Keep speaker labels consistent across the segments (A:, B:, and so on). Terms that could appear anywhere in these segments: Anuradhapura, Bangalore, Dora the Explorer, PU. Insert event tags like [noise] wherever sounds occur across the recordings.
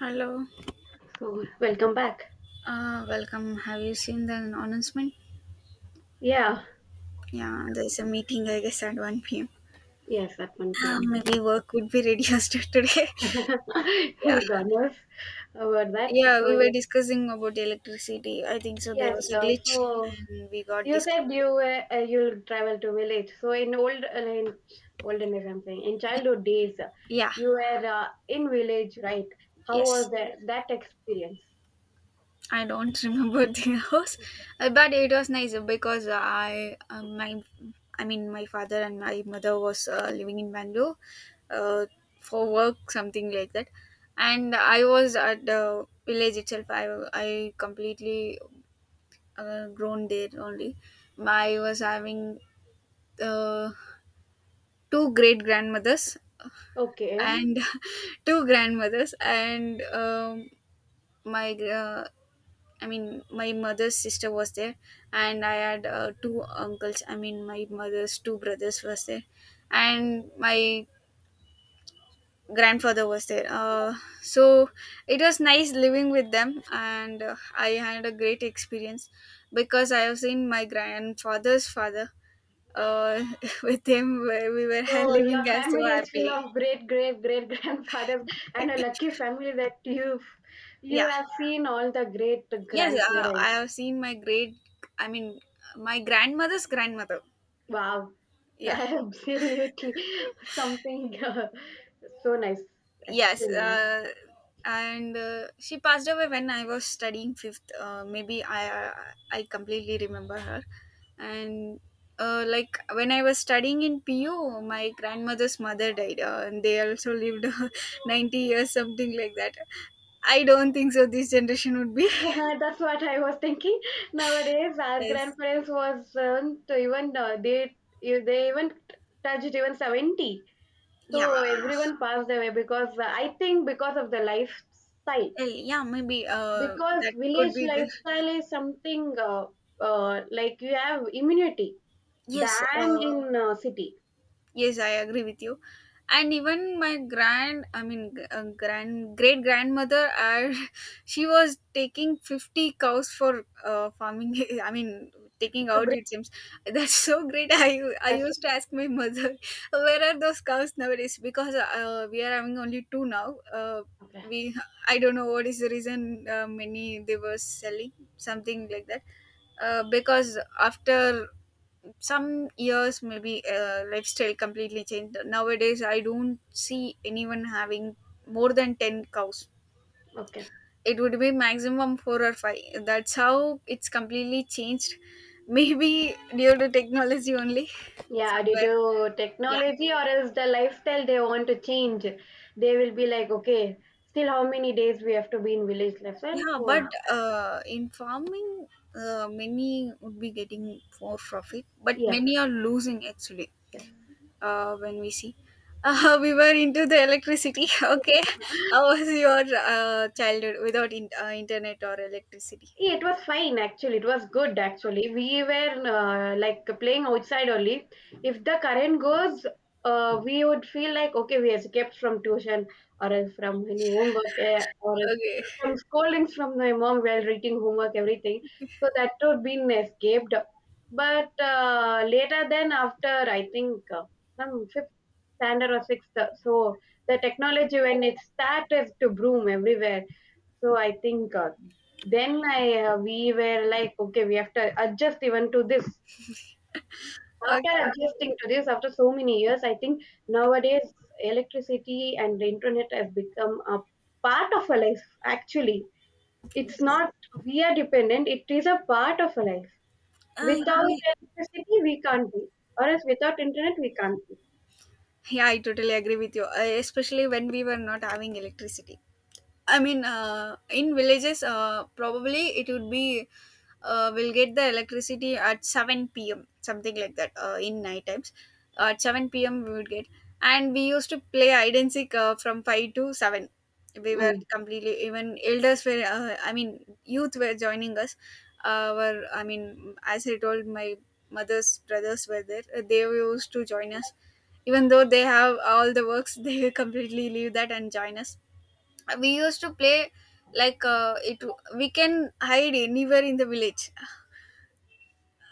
A: Hello,
B: Cool. Welcome back.
A: welcome. Have you seen the announcement?
B: Yeah.
A: Yeah, there's a meeting, I guess, at 1 p.m.
B: Yes, at 1 p.m.
A: Maybe work would be reduced [laughs] today.
B: [laughs] God
A: Yeah,
B: knows about [laughs] that.
A: yeah,
B: So
A: we were
B: yes,
A: discussing about electricity. I think so. There
B: yes.
A: was a
B: So,
A: glitch
B: so
A: and we got
B: you said
A: disconnected.
B: you you'll travel to village. So in old in olden days, I'm saying in childhood days,
A: Yeah,
B: you were in village, right? How
A: yes.
B: was that experience?
A: I don't [laughs] remember the house, but it was nice because I my I mean my father and my mother was living in Bangalore, uh, for work something like that, and I was at the village itself. I completely grown there only. I was having uh, two great grandmothers
B: Okay.
A: and [laughs] two grandmothers and my I mean, my mother's sister was there, and I had two uncles. I mean, my mother's two brothers was there, and my grandfather was there. So it was nice living with them, and I had a great experience because I have seen my grandfather's father. Uh, [laughs] with him, where we were [laughs]
B: So
A: living
B: your
A: as so
B: family is full
A: happily.
B: of great great great [laughs] grandfathers and a lucky family that you
A: Yeah.
B: have seen all the great
A: Yes, I
B: grandparents.
A: have seen my great. I mean, my grandmother's grandmother.
B: Wow, [laughs]
A: Yeah.
B: absolutely. Something so nice,
A: Yes,
B: actually.
A: and she passed away when I was studying fifth. Maybe I completely remember her, and like when I was studying in PU, my grandmother's mother died, and they also lived [laughs] 90 years, something like that. I don't think so. This generation would be
B: [laughs] That's what I was thinking. Nowadays,
A: [laughs]
B: our
A: yes.
B: grandparents was to even they if they even touched even 70.
A: Yeah,
B: So everyone passed away because I think because of the lifestyle.
A: well, yeah, maybe
B: Because
A: that could
B: village
A: be the
B: lifestyle is something like you have immunity
A: yes.
B: than in city.
A: Yes, I agree with you. And even my grand, I mean, grand great grandmother, [laughs] she was taking 50 cows for farming. [laughs] I mean, taking
B: So
A: out
B: great.
A: it seems. That's so great. [laughs] I
B: That's
A: used to ask my mother, [laughs] where are those cows nowadays? Because we are having only two now.
B: okay.
A: We I don't know what is the reason, many they were selling, something like that, because after some years maybe lifestyle completely changed nowadays. I don't see anyone having more than 10 cows.
B: Okay.
A: It would be maximum 4 or 5. That's how it's completely changed. [laughs] Maybe due to technology only,
B: Yeah, due
A: somewhere,
B: to
A: yeah.
B: technology or else the lifestyle they want to change, they will be like, okay, still how many days we have to be in village lifestyle?
A: Yeah,
B: So
A: but in farming, many would be getting more profit, but
B: yes,
A: many are losing, actually,
B: yes.
A: when we see, [laughs] we were into the electricity. [laughs] Okay, how was your childhood without internet or electricity?
B: Yeah, it was fine actually. It was good actually. We were like playing outside only. If the current goes, we would feel like okay, we escaped from tuition or else from any homework eh, or else
A: Okay,
B: from scoldings from my mom while reading homework, everything. So that would be escaped. But later, then after I think from fifth standard or sixth, so the technology when it started to bloom everywhere. So I think then I we were like, okay, we have to adjust even to this.
A: [laughs]
B: After
A: okay,
B: adjusting to this, after so many years, I think nowadays electricity and the internet has become a part of our life. Actually, it's
A: yes.
B: not we are dependent; it is a part of our life.
A: uh,
B: Without
A: you-
B: electricity, we can't be, or else without internet, we can't be.
A: Yeah, I totally agree with you, especially when we were not having electricity. I mean, in villages, probably it would be we'll get the electricity at 7 p.m., something like that, in night times. At 7 p.m., we would get, and we used to play hide and seek from 5 to 7. We were completely, even elders were, I mean, youth were joining us. I mean, as I told, my mother's brothers were there. They used to join us even though they have all the works. [laughs] They completely leave that and join us. We used to play like, it we can hide anywhere in the village.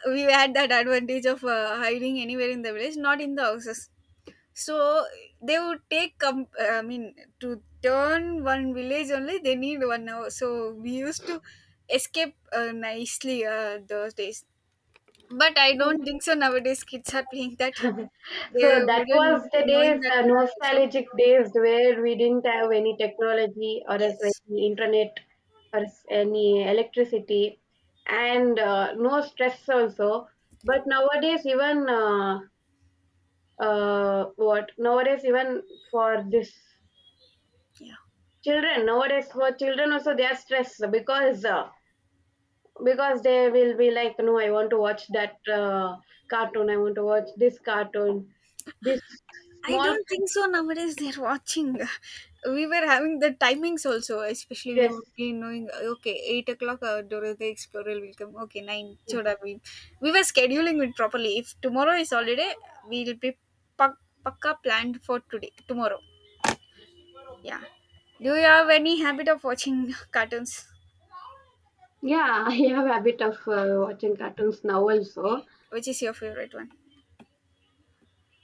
A: We had that advantage of hiding anywhere in the village, not in the houses. So they would take I mean, to turn one village only they need one hour. So we used to escape, nicely, those days. But I don't
B: Mm.
A: think so nowadays kids are playing that.
B: [laughs]
A: They
B: So that
A: wouldn't
B: was
A: be
B: the
A: knowing
B: days,
A: that
B: the
A: name also.
B: nostalgic days where we didn't have any technology or as
A: Yes.
B: any internet or as any electricity and no stress also. But nowadays, even what nowadays even for this
A: Yeah.
B: children nowadays for children also they are stressed because they will be like no I want to watch that cartoon, I want to watch this cartoon, this
A: I
B: small
A: don't
B: kids.
A: think so nowadays they're watching. [laughs] We were having the timings also, especially we
B: Yes.
A: were be knowing, okay, 8 o'clock, Dora the Explorer will come, okay, 9 Choda. We were scheduling it properly. If tomorrow is holiday, we'll be pak- pakka planned for today, tomorrow. Yeah. Do you have any habit of watching [laughs] cartoons?
B: Yeah, [laughs] I have a habit of watching cartoons now also.
A: Which is your favorite one?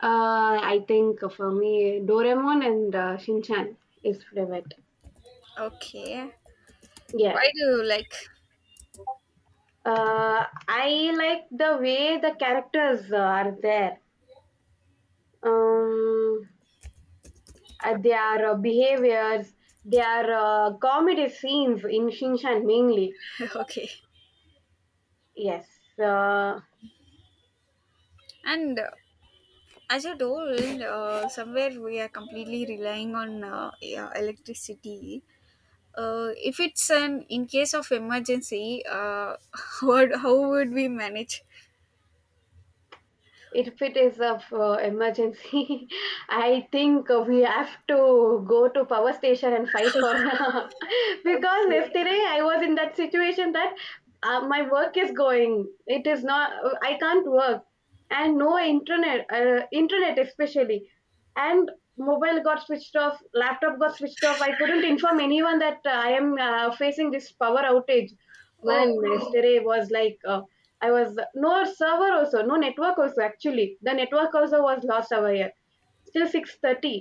B: I think for me, Doraemon and Shinchan is favorite.
A: Okay.
B: Yeah.
A: Why do you like?
B: I like the way the characters are there. Um, their behaviors, their comedy scenes in Shinchan mainly.
A: [laughs] Okay.
B: Yes. Uh,
A: And, as you told, somewhere we are completely relying on, yeah, electricity. If it's an in case of emergency, [laughs] what how would we manage?
B: if it is of emergency [laughs] I think we have to go to power station and fight for [laughs] because
A: Okay.
B: yesterday I was in that situation that my work is going, it is not, I can't work, and no internet, internet especially, and mobile got switched off, laptop got switched off, I couldn't inform anyone that I am facing this power outage,
A: Oh,
B: man. Yesterday was like I was, no server also, no network also actually. The network also was lost over here. Still 6:30.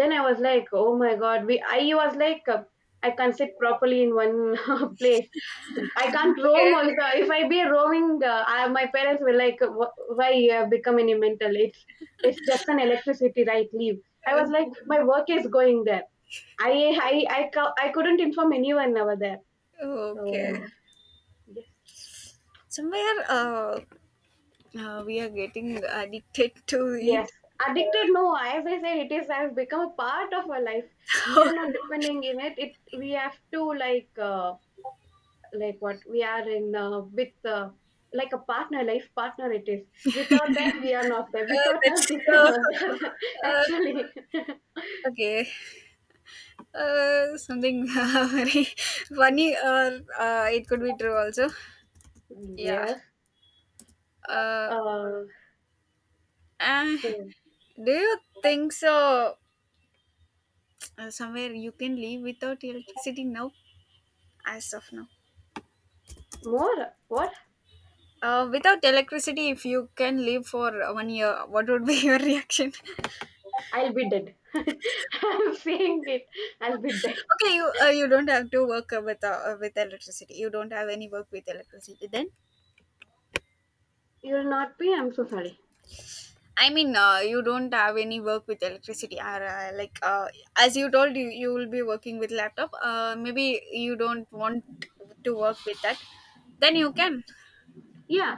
B: Then I was like, oh my god, we I was like I can't sit properly in one [laughs] place. I can't roam
A: okay.
B: also. If I be roaming, I, my parents were like, why you have become any mental? It's just an electricity, right? Leave." I was like, my work is going there. I I couldn't inform anyone over there.
A: Uh,
B: So
A: okay.
B: yeah.
A: Somewhere, we are getting addicted [laughs] to it.
B: Yes, addicted.
A: Uh,
B: No, as I said, it is has become a part of our life.
A: [laughs]
B: We are not
A: okay.
B: depending in it. It we have to like what we are in with like a partner, life partner. It is without that we are not there. Without us,
A: That's,
B: it is not there. [laughs]
A: uh,
B: Actually,
A: okay. Something [laughs] very funny, or it could be true also. Yeah.
B: yes.
A: Uh,
B: Uh,
A: uh,
B: so
A: do you think so? Somewhere you can live without electricity now, as of now.
B: more what?
A: Without electricity, if you can live for one year, what would be [laughs] your reaction?
B: I'll be dead. [laughs] I'm saying it. I'll be dead.
A: Okay, you don't have to work with, with electricity. You don't have any work with electricity. Then,
B: You'll not be. I'm so sorry.
A: I mean, you don't have any work with electricity. Or, like, as you told, you will be working with laptop. Maybe you don't want to work with that. Then you can.
B: Yeah,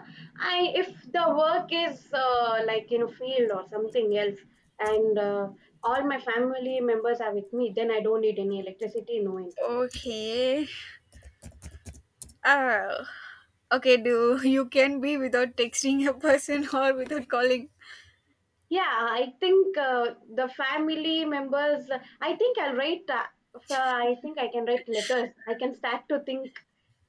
B: I if the work is like in a field or something else, and all my family members are with me, then I don't need any electricity, no internet.
A: Okay. Uh, okay, do [laughs] you can be without texting a person [laughs] or without calling?
B: Yeah, I think the family members, I think I'll write I think I can write letters, I can start to think,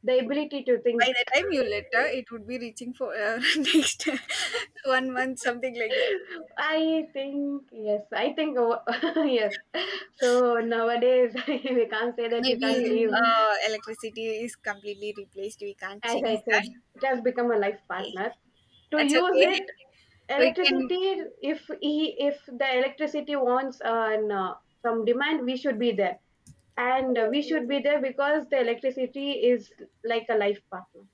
B: the ability to
A: By
B: think.
A: the
B: [laughs]
A: time you letter, it would be reaching for, [laughs] next one month, something like that.
B: I think yes, I think [laughs] yes, so nowadays [laughs] we can't say that we can't
A: Maybe
B: live.
A: electricity is completely replaced. We can't
B: As
A: change
B: I
A: that.
B: said, it has become a life
A: Okay.
B: partner. To
A: That's
B: use
A: okay.
B: it,
A: We can.
B: electricity, if he, if the electricity wants an, some demand, we should be there. And
A: Oh,
B: we should be there because the electricity is like a life partner.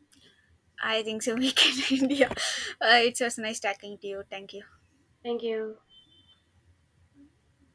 A: I think so. We can [laughs] end. Yeah. It was nice talking to you. Thank you.
B: Thank you.